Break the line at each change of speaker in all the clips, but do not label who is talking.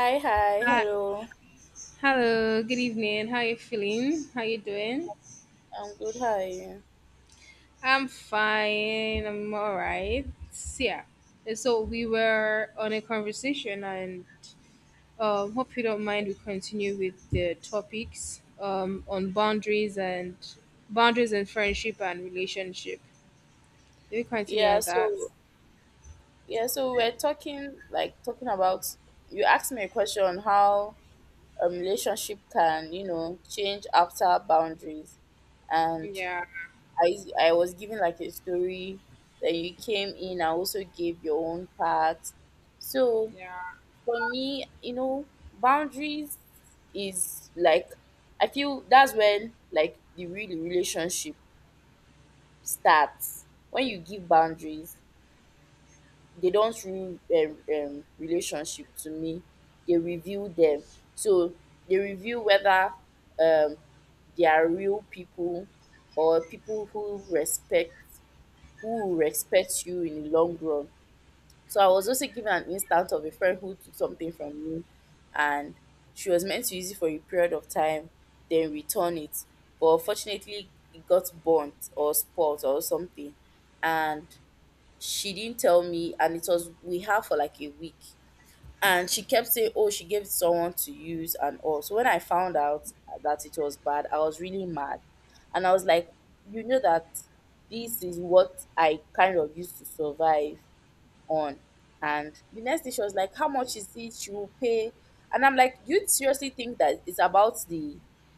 Hi.
Hello.
Hello, good evening. How you feeling? How you doing?
I'm good. How are you?
I'm fine. I'm all right. So, yeah. And So we were on a conversation, and hope you don't mind. We continue with the topics on boundaries and friendship and relationship. Do we continue
Yeah,
on that?
so yeah, so we're talking about, you asked me a question on how a relationship can, you know, change after boundaries. And
Yeah.
I was giving like a story, then you came in and also gave your own part. So
Yeah.
for me, you know, boundaries is like, I feel that's when like the real relationship starts. When you give boundaries, they don't ruin relationship to me, they review them. So they review whether um, they are real people, or people who respect, who will respect you in the long run. So I was also given an instance of a friend who took something from me, and she was meant to use it for a period of time then return it, but unfortunately it got burnt or spoiled or something. And she didn't tell me, and it was we had for like a week, and she kept saying, oh, she gave it someone to use and all. So when I found out that it was bad, I was really mad, and I was like, you know that this is what I kind of used to survive on. And the next day she was like, "How much is it you will pay?" And I'm like, "You seriously think that it's about the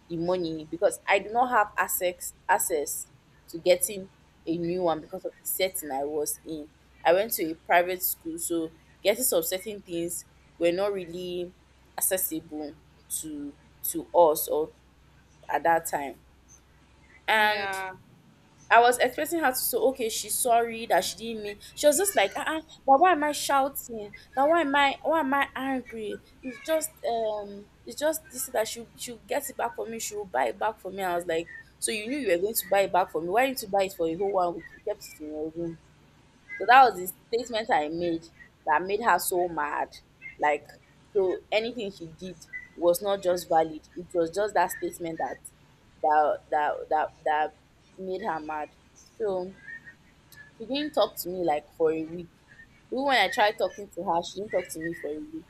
money, because I do not have access to getting a new one because of the setting I was in. I went to a private school, so getting some certain things were not really accessible to to us, or at that time." And
Yeah.
I was expecting her to say, okay, she's sorry that she didn't mean. She was just like, ah, but why am I shouting? That why am I angry? It's just, it's just this that she get it back for me. She will buy it back for me. I was like, so you knew you were going to buy it back for me. Why didn't you buy it for a whole 1 week? You kept it in your room. So that was the statement I made that made her so mad. Like, so anything she did was not just valid. It was just that statement that that made her mad. So she didn't talk to me like for a week. Even when I tried talking to her, she didn't talk to me for a week.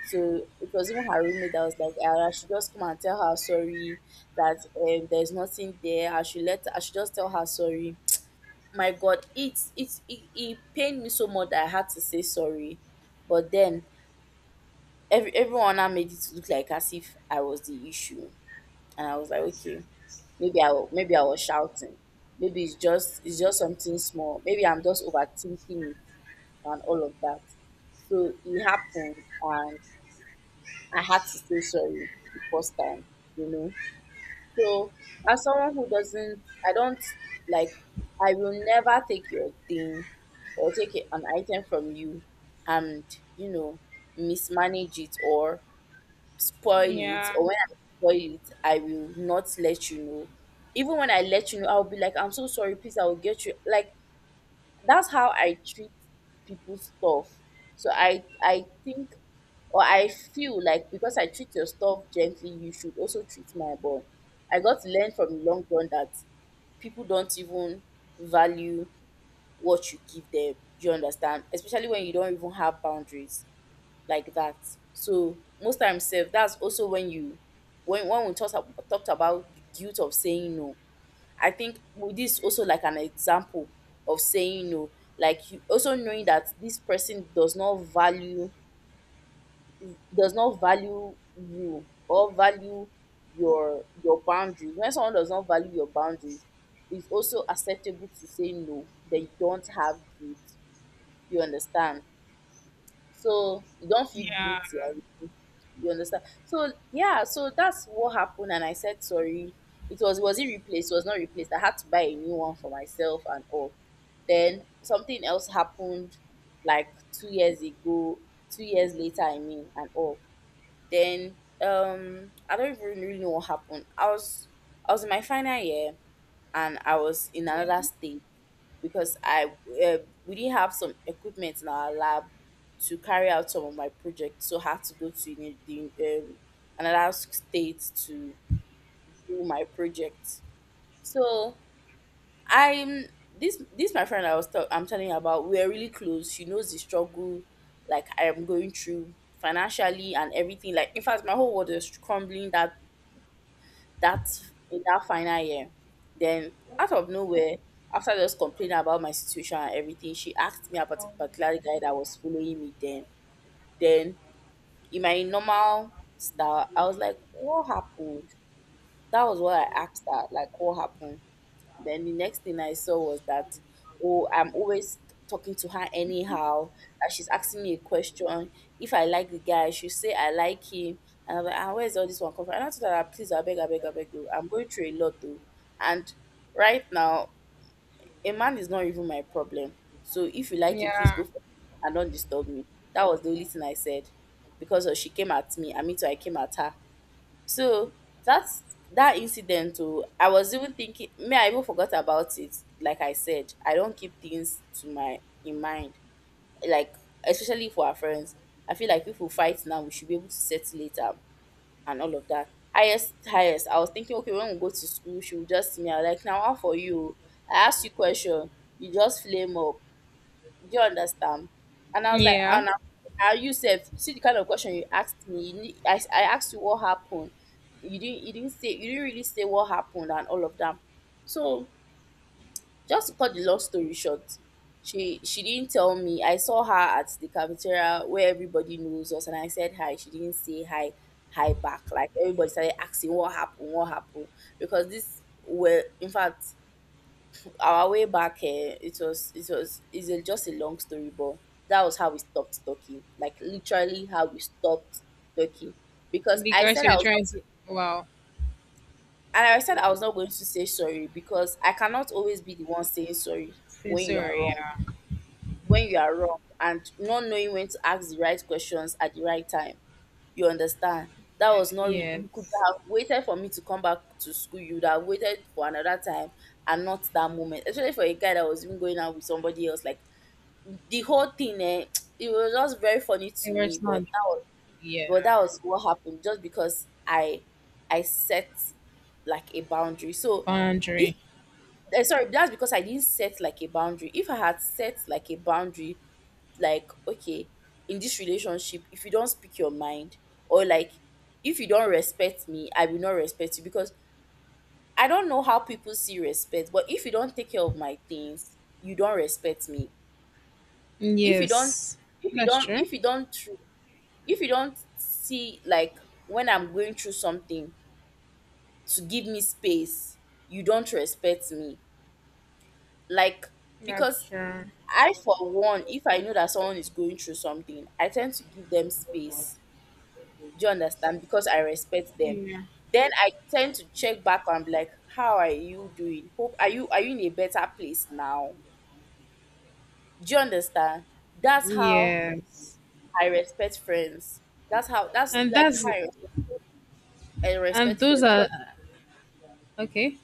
So it was even her roommate that was like, "Ah, I should just come and tell her sorry that, there's nothing there. I should just tell her sorry." My god, it pained me so much that I had to say sorry. But then everyone now made it look like as if I was the issue. And I was like, okay, maybe maybe I was shouting, maybe it's just, something small, maybe I'm just overthinking it and all of that. So it happened, and I had to say sorry the first time, you know. So as someone who doesn't, I don't, like, I will never take your thing or take an item from you and, you know, mismanage it or spoil it.
Yeah.
Or when I spoil it, I will not let you know. Even when I let you know, I'll be like, I'm so sorry, please, I will get you. Like, that's how I treat people's stuff. So I think, or I feel like, because I treat your stuff gently, you should also treat my ball. I got to learn from the long run that people don't even value what you give them. Do you understand? Especially when you don't even have boundaries like that. So most times, self, that's also when you when we talked about the guilt of saying no. I think with this also like an example of saying no. Like you also knowing that this person does not value you, or value your boundaries. When someone does not value your boundaries, it's also acceptable to say no. That you don't have guilt. You understand? So you don't feel
Yeah.
guilty. I mean, you understand? So yeah, so that's what happened, and I said sorry. It was it replaced? It was not replaced. I had to buy a new one for myself and all. Then something else happened, like 2 years ago, 2 years later, I mean, and all. Then, I don't even really know what happened. I was in my final year, and I was in
Yeah.
another state because I, uh, we didn't have some equipment in our lab to carry out some of my projects, so I had to go to another state to do my project. So I'm, this my friend I was I I'm telling you about. We are really close. She knows the struggle like I am going through financially and everything. Like in fact, my whole world is crumbling, that that in that final year. Then out of nowhere, after just complaining about my situation and everything, she asked me about a particular guy that was following me then. Then in my normal style, I was like, what happened? That was what I asked her, like what happened? Then the next thing I saw was that, oh, I'm always talking to her anyhow, that she's asking me a question. If I like the guy, she say I like him. And I'm like, ah, where's all this one come from? And I told her that, please, I beg, oh, I'm going through a lot though. And right now, a man is not even my problem. So if you like him, please go
Yeah.
for him and don't disturb me. That was the only thing I said. Because she came at me, and me too, I came at her. So that's that incident, oh, I was even thinking, me, I even forgot about it. Like I said, I don't keep things to my in mind. Like especially for our friends. I feel like if we fight now, we should be able to settle later and all of that. Highest, highest. I was thinking, okay, when we go to school, she will just see me. I like, now how for you? I ask you question, you just flame up. Do you understand? And I was like,
Yeah.
and I'm, are you safe? See the kind of question you asked me. You need, I asked you what happened. You didn't say you didn't really say what happened and all of that. So just to cut the long story short, she didn't tell me. I saw her at the cafeteria where everybody knows us, and I said hi. She didn't say hi back. Like everybody started asking what happened, because this were in fact our way back here, it was just a long story. But that was how we stopped talking, like literally how we stopped talking, because I
Because
said I
you're
was not,
trying to. Wow.
and I said I was not going to say sorry, because I cannot always be the one saying sorry when you are
Sorry.
wrong,
Yeah.
and not knowing when to ask the right questions at the right time. You understand? That
Yeah,
was not really, you could
yes.
have waited for me to come back to school, you would have waited for another time, and not that moment, especially for a guy that was even going out with somebody else. Like, the whole thing, eh, it was just very funny to
It
me,
was
but
not, yeah,
but that was what happened, just because I set like a boundary. So if,
boundary.
eh, sorry, that's because I didn't set like a boundary. If I had set like a boundary, like okay, in this relationship, if you don't speak your mind, or like if you don't respect me, I will not respect you, because I don't know how people see respect. But if you don't take care of my things, you don't respect me. If you don't,
Yes,
if you
that's
don't,
true.
if you don't if you don't see like when I'm going through something, to give me space, you don't respect me. Like,
That's
because
true.
I for one, if I know that someone is going through something, I tend to give them space. Do you understand? Because I respect them.
Yeah.
Then I tend to check back and be like, how are you doing, hope, are you in a better place now? Do you understand? That's how
Yes.
I respect friends. That's
And
like
that's,
how I respect, I
and
respect
those
friends
are,
because
okay.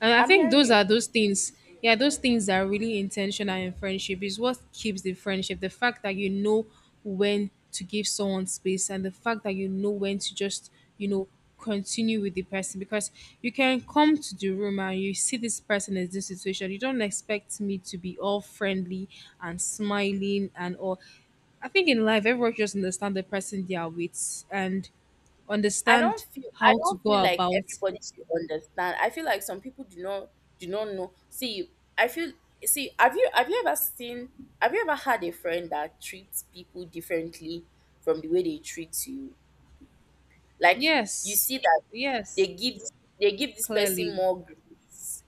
And I
I'm
think
hearing
those
you.
are those things. Yeah, those things that are really intentional in friendship is what keeps the friendship. The fact that you know when to give someone space and the fact that you know when to just continue with the person because you can come to the room and you see this person in this situation. You don't expect me to be all friendly and smiling and all. I think in life everyone just understand the person they are with and understand
I
how to
don't feel
go
like
about.
everybody should understand. I feel like some people do not know. See, I feel have you ever seen have you ever had a friend that treats people differently from the way they treat you? Like you
Yes.
see that they
Yes,
give they give this person
clearly
more grace,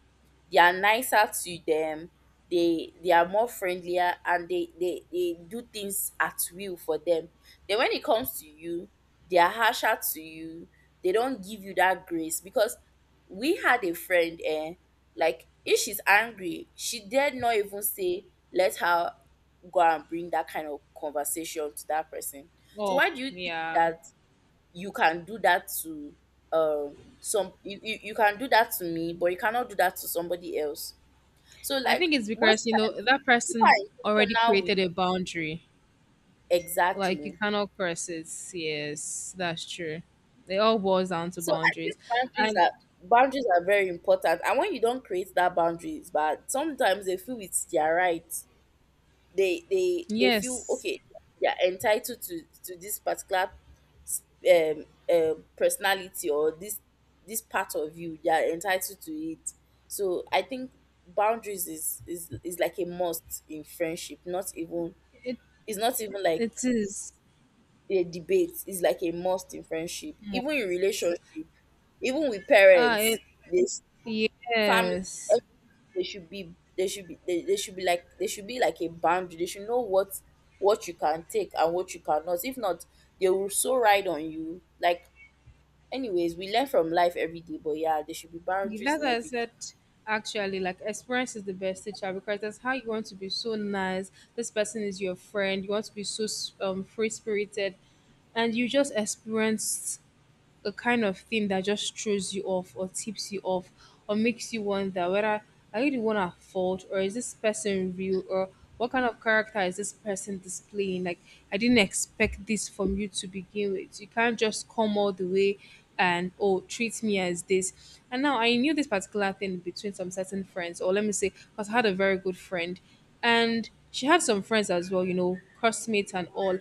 they are nicer to them, they are more friendlier, and they do things at will for them. Then when it comes to you, they are harsher to you, they don't give you that grace. Because we had a friend, eh, like if she's angry, she dare not even say, let her go and bring that kind of conversation to that person. So
up.
why do you think
Yeah.
that you can do that to some, you can do that to me but you cannot do that to somebody else? So
I
like
think it's
most
because, you
times
know, that
people
person
are
already
intentional with,
created a boundary. Like you
exactly.
cannot cross it. Yes, that's true. They all boils down to
So I think
boundaries. And
boundaries are very important, and when you don't create that boundaries, but sometimes they feel it's their right, they feel
yes,
okay, they're entitled to this particular, um, personality, or this part of you they're entitled to it. So I think boundaries is like a must in friendship. Not even,
it
it's not even like
it is
a debate, it's like a must in friendship,
more.
even in relationship, even with parents,
It
this family.
yes.
They should be they should be they should be like, they should be like a boundary. They should know what you can take and what you cannot. If not, they will so ride on you, like, anyways, we learn from life every day, but yeah, there should be boundaries
That's
in
why I said
everything.
actually like experience is the best teacher because that's how you want to be so nice. This person is your friend. You want to be so free spirited, and you just experienced a kind of thing that just throws you off or tips you off or makes you wonder whether are you the one at fault or is this person real or what kind of character is this person displaying? Like, I didn't expect this from you to begin with. You can't just come all the way and oh treat me as this. And now I knew this particular thing between some certain friends, or let me say, because I had a very good friend, and she had some friends as well, classmates and all.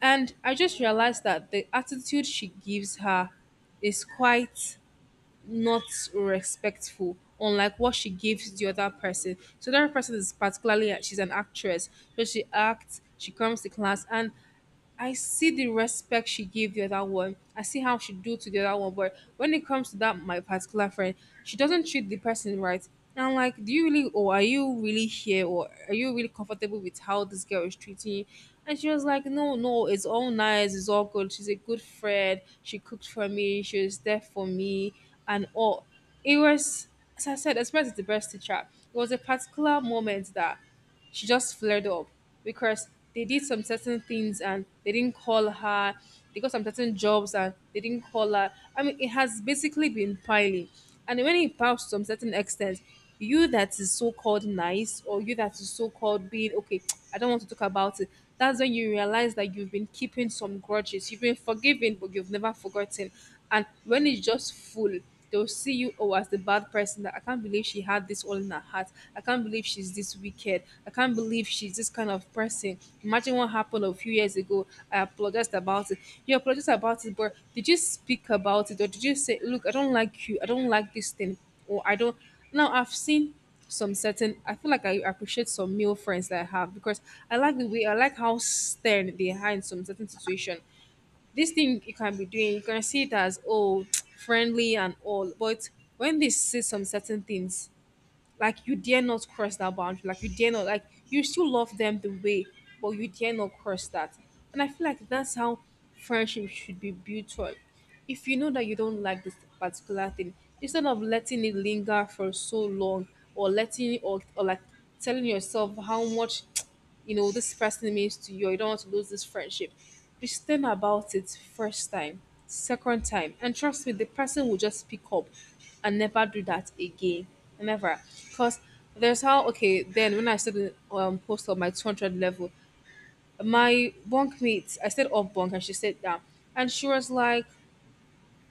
And I just realized that the attitude she gives her is quite not respectful, unlike what she gives the other person. So the other person is particularly she's an actress, so she acts, she comes to class, and I see the respect she gave the other one. I see how she do to the other one. But when it comes to that my particular friend, she doesn't treat the person right. And I'm like, do you really or are you really here or are you really comfortable with how this girl is treating you? And she was like, "No, no, it's all nice, it's all good. She's a good friend. She cooked for me, she was there for me and all." It was, as I said, experience is the best teacher. It was a particular moment that she just flared up because they did some certain things and they didn't call her. They got some certain jobs and they didn't call her. I mean, it has basically been piling. And when it piles to some certain extent, you that is so called nice or you that is so called being okay, I don't want to talk about it. That's when you realize that you've been keeping some grudges. You've been forgiven, but you've never forgotten. And when it's just full, they'll see you oh as the bad person that I can't believe she had this all in her heart. I can't believe she's this wicked. I can't believe she's this kind of person. Imagine what happened a few years ago. I apologized about it. You apologized about it, but did you speak about it or did you say, look, I don't like you, I don't like this thing, or I don't now I've seen some certain I feel like I appreciate some male friends that I have because I like the way I like how stern they are in some certain situation, this thing you can be doing, you can see it as oh friendly and all, but when they see some certain things, like you dare not cross that boundary, like you dare not, like you still love them the way, but you dare not cross that. And I feel like that's how friendship should be built on. If you know that you don't like this particular thing, instead of letting it linger for so long or letting it or like telling yourself how much you know, this person means to you, or you don't want to lose this friendship. Be stern about it first time, second time, and trust me, the person will just pick up and never do that again. Never. Because there's how, okay, then when I said in post on my 200 level, my bunk mate, I said up bunk, and she said down. And she was like,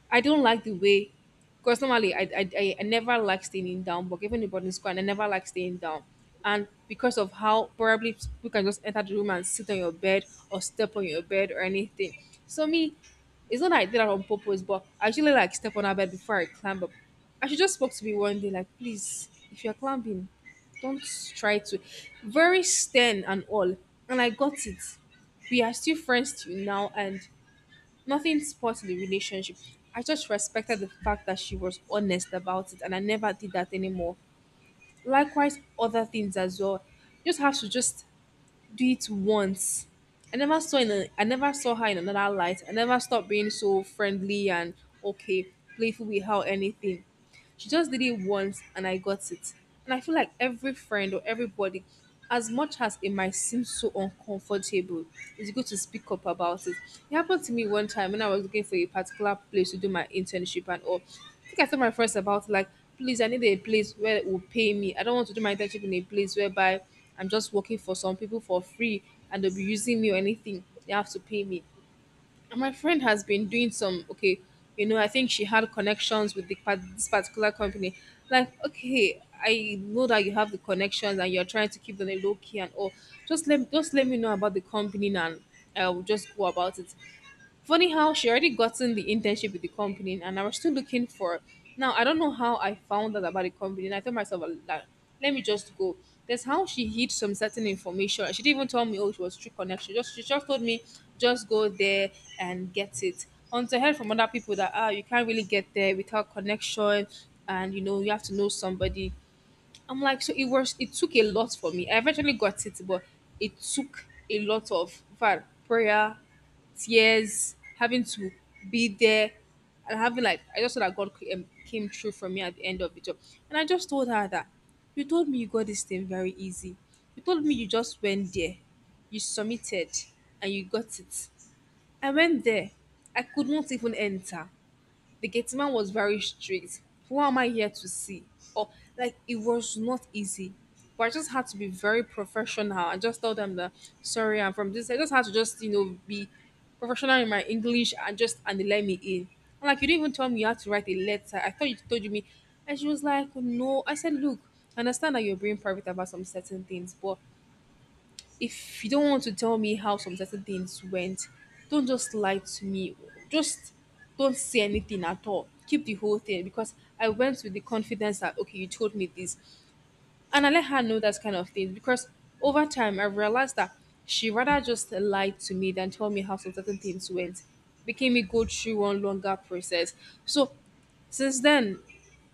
I don't like the way, because normally I never like staying down, but even in boarding school, and I never like staying down. And because of how probably people can just enter the room and sit on your bed or step on your bed or anything. So me, it's not that I did that on purpose, but I usually like step on our bed before I climb up. And she just spoke to me one day, like, please, if you're climbing, don't try to. Very stern and all. And I got it. We are still friends till now, and nothing spoiled the relationship. I just respected the fact that she was honest about it, and I never did that anymore. Likewise, other things as well. You just have to just do it once. I never saw her in another light. I never stopped being so friendly and okay, playful with her or anything. She just did it once and I got it. And I feel like every friend or everybody, as much as it might seem so uncomfortable, it's good to speak up about it. It happened to me one time when I was looking for a particular place to do my internship and all. I think I told my friends about it, like, please, I need a place where it will pay me. I don't want to do my internship in a place whereby I'm just working for some people for free and they'll be using me or anything. They have to pay me. And my friend has been doing some okay, you know, I think she had connections with this particular company. Like, okay, I know that you have the connections and you're trying to keep them a low key and all. Just let me know about the company and I will just go about it. Funny how she already gotten the internship with the company and I was still looking for, now I don't know how I found out about the company, and I told myself, "Well, like let me just go." That's how she hid some certain information. She didn't even tell me oh it was true connection. Just she just told me just go there and get it. Until I heard from other people that ah you can't really get there without connection, and you know you have to know somebody. I'm like, so it was it took a lot for me. I eventually got it, but it took a lot of var prayer, tears, having to be there, and having like I just saw that God came through for me at the end of the job, and I just told her that you told me you got this thing very easy. You told me you just went there, you submitted, and you got it. I went there. I could not even enter. The gate man was very strict. Who am I here to see? Or like it was not easy. But I just had to be very professional. I just told them that sorry, I'm from this. I just had to just be professional in my English and just and they let me in. I'm like you didn't even tell me you had to write a letter. I thought you told me and she was like, No. I said, Look, I understand that you're being private about some certain things, but if you don't want to tell me how some certain things went, don't just lie to me. Just don't say anything at all. Keep the whole thing because I went with the confidence that okay, you told me this, and I let her know that kind of thing because over time I realized that she rather just lied to me than tell me how some certain things went, making me go through one longer process. So since then,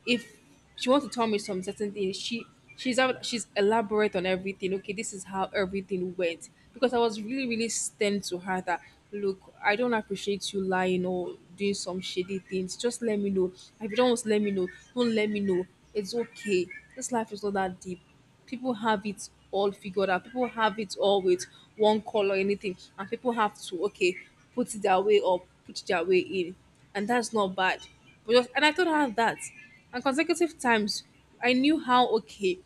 if she wants to tell me some certain things, she's elaborate on everything. Okay, this is how everything went. Because I was really, really stern to her that look, I don't appreciate you lying or doing some shady things. Just let me know. If you don't want to let me know, don't let me know. It's okay. This life is not that deep. People have it all figured out. People have it all with one color, anything, and people have to okay put it their way or put their way in, and that's not bad. But just, and I told her that, and consecutive times, I knew how okay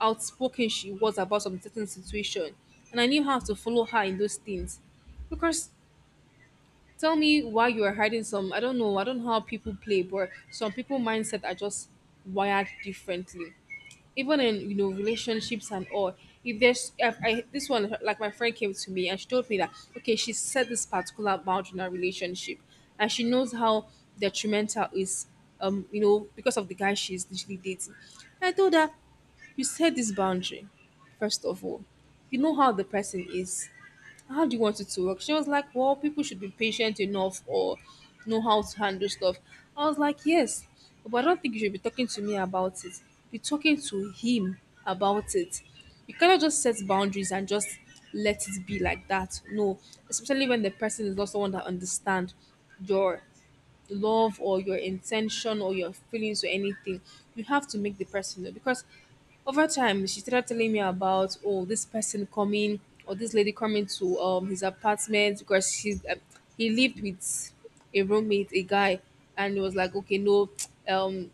outspoken she was about some certain situation, and I knew how to follow her in those things, because. Tell me why you are hiding some. I don't know. I don't know how people play, but some people mindset are just wired differently, even in relationships and all. If there's if I, This one, like, my friend came to me and she told me that okay she set this particular boundary in her relationship, and she knows how detrimental is, you know, because of the guy she's literally dating. And I told her, you set this boundary, first of all. You know how the person is. How do you want it to work? She was like, well, people should be patient enough or know how to handle stuff. I was like, yes, but I don't think you should be talking to me about it. Be talking to him about it. You cannot just set boundaries and just let it be like that. No, especially when the person is not someone that understand your love or your intention or your feelings or anything. You have to make the person know, because over time she started telling me about oh this person coming or this lady coming to his apartment because she he lived with a roommate, a guy. And it was like okay no, um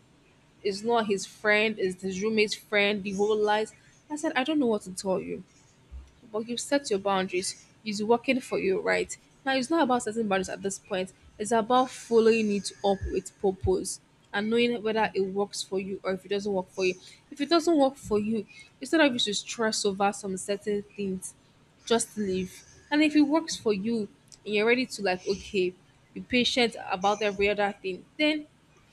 it's not his friend, it's his roommate's friend, the whole lies. I said I don't know what to tell you, but you've set your boundaries. He's working for you, right. Now, it's not about setting boundaries at this point. It's about following it up with purpose and knowing whether it works for you or if it doesn't work for you. If it doesn't work for you, instead of you should stress over some certain things, just leave. And if it works for you and you're ready to like, okay, be patient about every other thing, then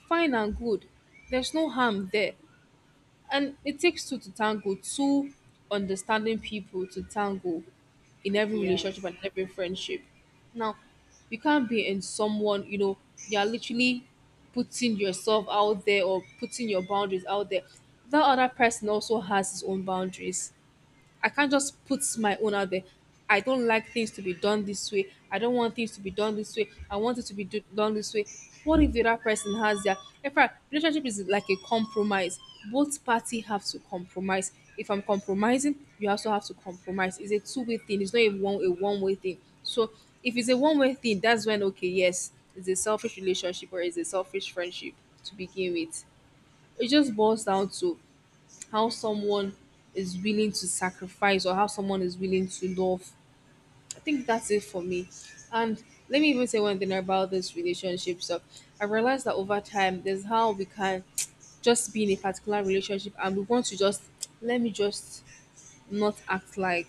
fine and good. There's no harm there. And it takes two to tango, two understanding people to tango in every
Yeah.
relationship and in every friendship. Now, you can't be in someone, you're literally putting yourself out there or putting your boundaries out there. That other person also has his own boundaries. I can't just put my own out there. I don't like things to be done this way. I don't want things to be done this way. I want it to be done this way. What if the other person has their? In fact, relationship is like a compromise. Both party have to compromise. If I'm compromising, you also have to compromise. It's a two-way thing. It's not a one-way thing. So if it's a one-way thing, that's when okay, yes, it's a selfish relationship or it's a selfish friendship to begin with. It just boils down to how someone is willing to sacrifice or how someone is willing to love. I think that's it for me. And let me even say one thing about this relationship stuff. I realized that over time, there's how we can just be in a particular relationship and we want to just, let me just not act like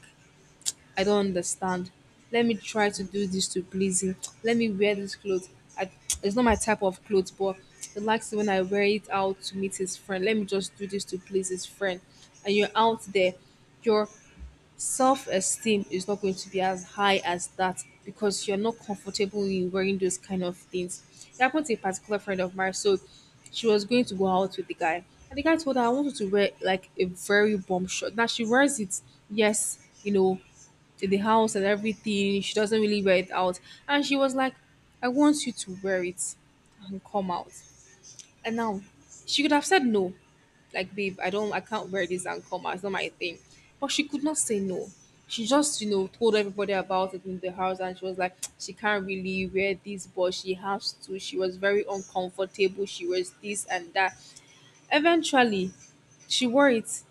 I don't understand. Let me try to do this to please him. Let me wear this clothes. I, it's not my type of clothes, but he likes it when I wear it out to meet his friend. Let me just do this to please his friend. And you're out there, your self esteem is not going to be as high as that because you're not comfortable in wearing those kind of things. It happened to a particular friend of mine, so she was going to go out with the guy. And the guy told her, I wanted to wear like a very bomb shirt. Now she wears it, yes, to the house and everything. She doesn't really wear it out. And she was like, I want you to wear it and come out. And now she could have said no. Like, babe, I can't wear this and come out. It's not my thing. But she could not say no. She just, told everybody about it in the house, and she was like, she can't really wear this, but she has to. She was very uncomfortable. She was this and that. Eventually, she wore it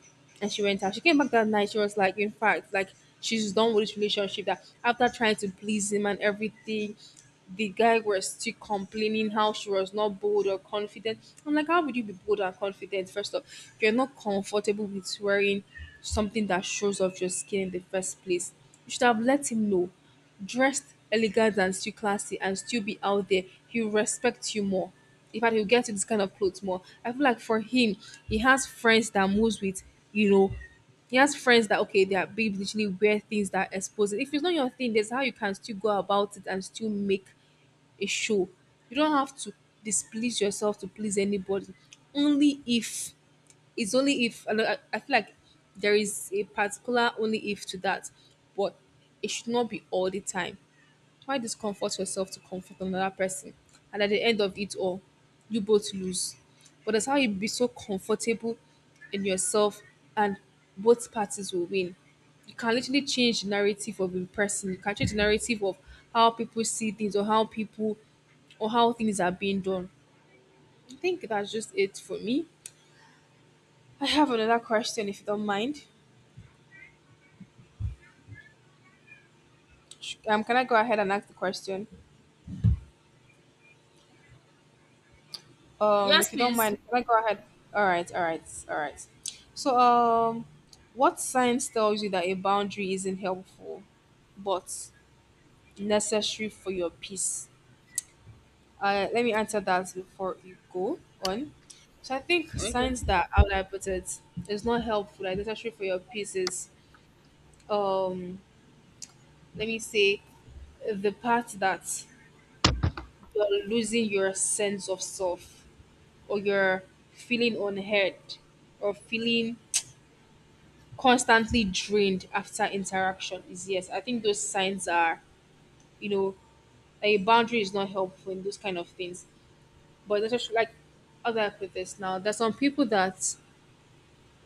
and she went out. She came back that night. She was like, in fact, like she's done with this relationship, that after trying to please him and everything, the guy was still complaining how she was not bold or confident. I'm like, how would you be bold and confident? First off, if you're not comfortable with wearing something that shows off your skin in the first place, you should have let him know. Dressed elegant and still classy and still be out there, he'll respect you more. In fact, he'll get you this kind of clothes more. I feel like for him, he has friends that moves with, you know, he has friends that okay, they are big literally wear things that expose it. If it's not your thing, there's how you can still go about it and still make a show. You don't have to displease yourself to please anybody. Only if, it's only if I, don't- I feel like there is a particular only if to that, but it should not be all the time. Why discomfort yourself to comfort another person? And at the end of it all, you both lose. But that's how you be so comfortable in yourself and both parties will win. You can literally change the narrative of a person. You can change the narrative of how people see things or how people or how things are being done. I think that's just it for me. I have another question if you don't mind. Can I go ahead and ask the question?
Yes,
If you don't
please.
mind, can I go ahead? All right, all right, all right. So, what signs tells you that a boundary isn't helpful, but necessary for your peace? Let me answer that before you go on. So I think
Okay.
signs that, how would I put it, is not helpful, like necessary for your peace, is, um let me say, the part that you're losing your sense of self or you're feeling unheard or feeling constantly drained after interaction, is yes. I think those signs are, you know, a boundary is not helpful in those kind of things. But there's just like other, I put this now. There's some people that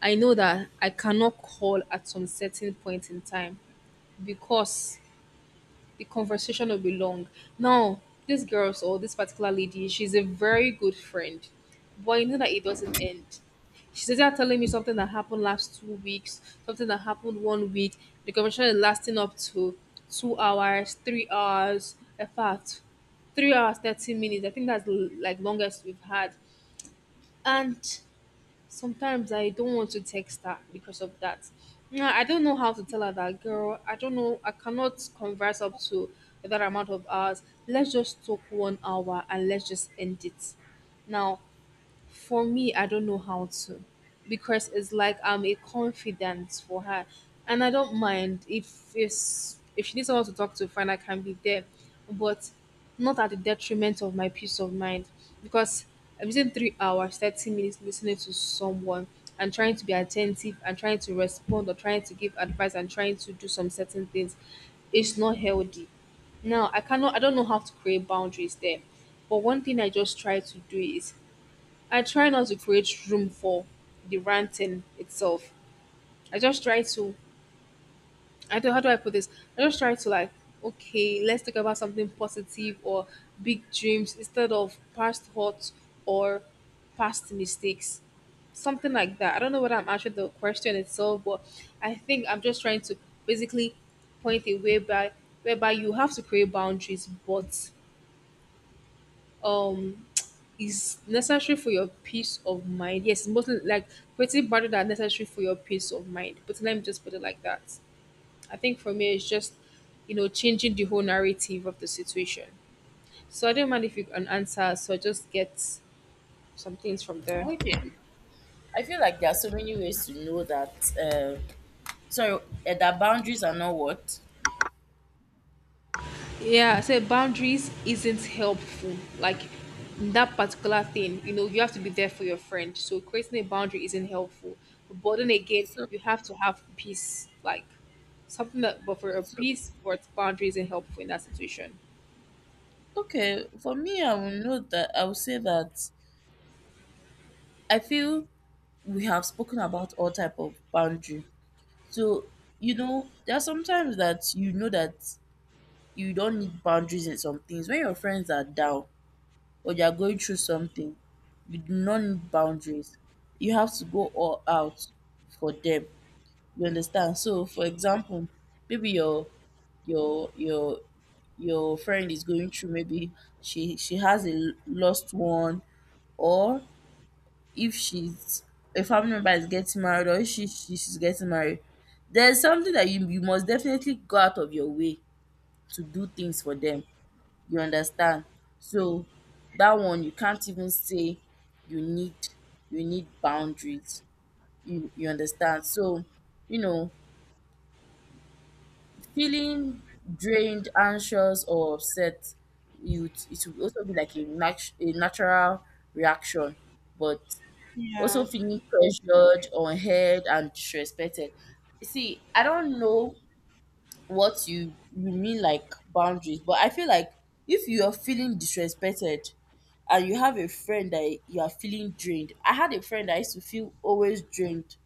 I know that I cannot call at some certain point in time because the conversation will be long. Now, this girl or this particular lady, she's a very good friend, but you know that it doesn't end. She's either telling me something that happened last 2 weeks, something that happened 1 week. The conversation is lasting up to 2 hours, 3 hours. In fact, 3 hours, 30 minutes. I think that's the like longest we've had. And sometimes I don't want to text her because of that. Nah, I don't know how to tell her that, girl. I don't know. I cannot converse up to that amount of hours. Let's just talk 1 hour and let's just end it. Now, for me, I don't know how to, because it's like I'm a confidant for her. And I don't mind if it's if she needs someone to talk to, fine, I can be there. But not at the detriment of my peace of mind. Because I'm using 3 hours, 30 minutes listening to someone and trying to be attentive and trying to respond or trying to give advice and trying to do some certain things. It's not healthy. Now I cannot, I don't know how to create boundaries there. But one thing I just try to do is I try not to create room for the ranting itself. I just try to, I do not, how do I put this? I just try to like, okay, let's talk about something positive or big dreams instead of past hurts or past mistakes. Something like that. I don't know whether I'm answering the question itself, but I think I'm just trying to basically point a way by whereby you have to create boundaries, but um is necessary for your peace of mind. Yes, mostly like creating boundaries that are necessary for your peace of mind. But let me just put it like that. I think for me, it's just changing the whole narrative of the situation. So I don't mind if you can answer. So I just get some things from there.
Okay. I feel like there are so many ways to know that, uh sorry, that boundaries are not what.
Yeah, so boundaries isn't helpful. Like in that particular thing, you know, you have to be there for your friend. So creating a boundary isn't helpful. But then again,
So,
you have to have peace. Like something that but for a
so,
peace but boundary isn't helpful in that situation.
okay. For me, I will know that I will say that I feel we have spoken about all type of boundary. So, you know, there are sometimes that you know that you don't need boundaries in some things. When your friends are down or they are going through something, you do not need boundaries. You have to go all out for them. You understand? So, for example, maybe your your friend is going through maybe she has a lost one, or if she's a family member is getting married, or if she she's getting married, there's something that you must definitely go out of your way to do things for them, you understand? So that one you can't even say you need, you need boundaries, you understand? So, you know, feeling drained, anxious, or upset, you, it will also be like a a natural reaction. But also
Yeah,
feeling pressured, unheard, and disrespected. See, I don't know what you mean like boundaries, but I feel like if you are feeling disrespected and you have a friend that you are feeling drained, I had a friend that I used to feel always drained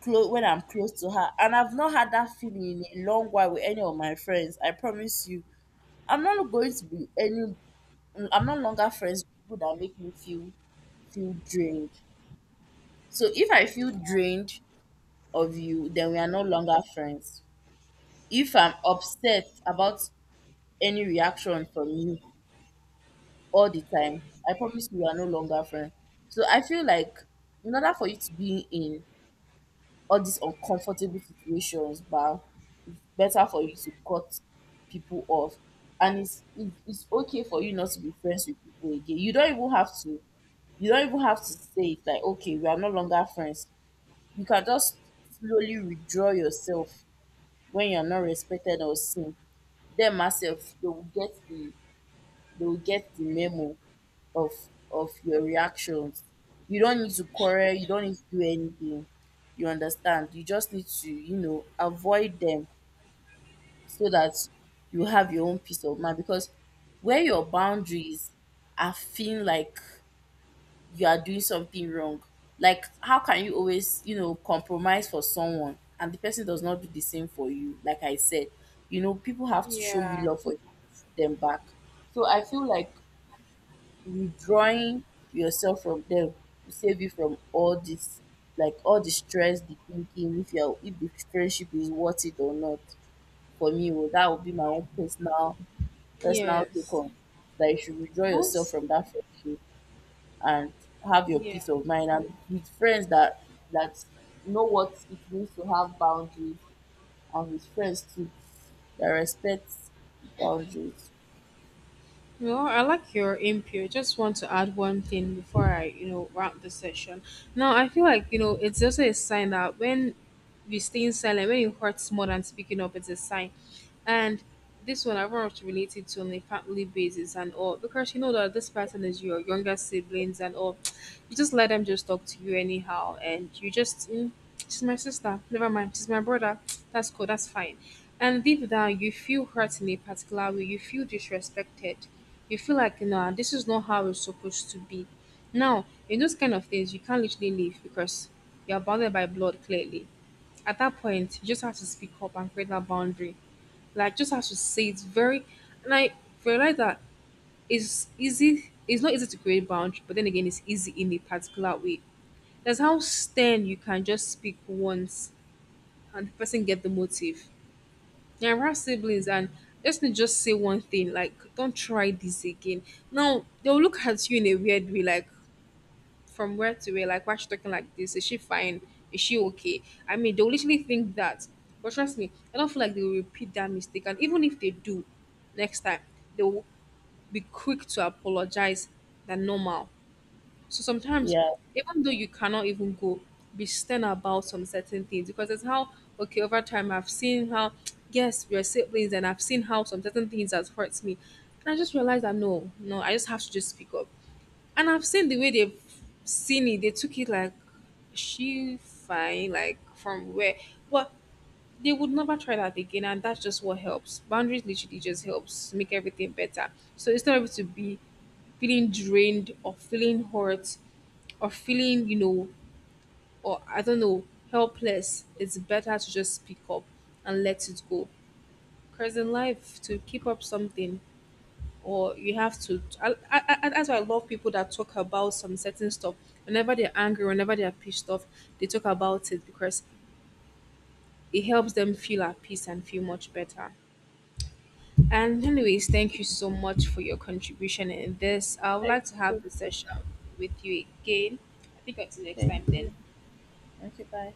close when I'm close to her, and I've not had that feeling in a long while with any of my friends. I promise you, I'm not going to be any. I'm no longer friends with people that make me feel drained. So if I feel drained of you, then we are no longer friends. If I'm upset about any reaction from you all the time, I promise you we are no longer friends. So I feel like in order for you to be in all these uncomfortable situations, but better for you to cut people off. And it's it's okay for you not to be friends with people again. You don't even have to, you don't even have to say it like, okay, we are no longer friends. You can just slowly withdraw yourself. When you're not respected or seen them ourselves, they will get the memo of of your reactions. You don't need to quarrel, you don't need to do anything, you understand? You just need to, you know, avoid them, so that you have your own peace of mind. Because where your boundaries are, feeling like you are doing something wrong. Like, how can you always, you know, compromise for someone and the person does not do the same for you? Like I said, you know, people have to show
yeah.
you love for them back. So I feel like withdrawing yourself from them will save you from all this, like all the stress, the thinking, if you're if the friendship is worth it or not. For me, well, that would be my own personal take
Yes.
on that. You should withdraw yourself
That's
from that friendship and have your
yeah.
peace of mind, and with friends that that know what it means to have boundaries, and with friends too that respect boundaries.
Well, I like your input. Just want to add one thing before I, you know, wrap the session. Now, I feel like, you know, it's also a sign that when we stay silent, when it hurts more than speaking up, it's a sign. And this one I want to relate it to on a family basis and all because you know that this person is your younger siblings and all. You just let them just talk to you anyhow, and you just she's my sister. Never mind, she's my brother. That's cool. That's fine. And deep down, you feel hurt in a particular way. You feel disrespected. You feel like nah, this is not how it's supposed to be. Now, in those kind of things, you can't literally leave because you're bounded by blood clearly. At that point, you just have to speak up and create that boundary, like just have to say it's very and I realize that it's easy, it's not easy to create boundary, but then again it's easy in a particular way. That's how stern you can just speak once and the person get the motive. Now we have siblings and let's not just say one thing, like don't try this again. Now they'll look at you in a weird way, like from where to where, like why she talking like this? Is she fine? Is she okay? I mean, they'll literally think that. But trust me, I don't feel like they will repeat that mistake. And even if they do next time, they will be quick to apologize than normal. So sometimes,
Yeah.
even though you cannot even go, be stern about some certain things because it's how okay, over time I've seen how yes, we're siblings and I've seen how some certain things has hurt me. And I just realized that no, no, I just have to just speak up. And I've seen the way they've seen it. They took it like she fine, like from where. Well, they would never try that again, and that's just what helps. Boundaries literally just helps make everything better. So instead of it to be feeling drained or feeling hurt or feeling, you know, or I don't know, helpless, it's better to just speak up and let it go. Because in life, to keep up something, or you have to that's why I love people that talk about some certain stuff whenever they're angry, whenever they're pissed off, they talk about it because it helps them feel at peace and feel much better. And anyways, thank you so much for your contribution in this. I would
Thank
like to
you so
have the session
much.
with you again. I think until next
Thank
time then.
you. Okay, bye.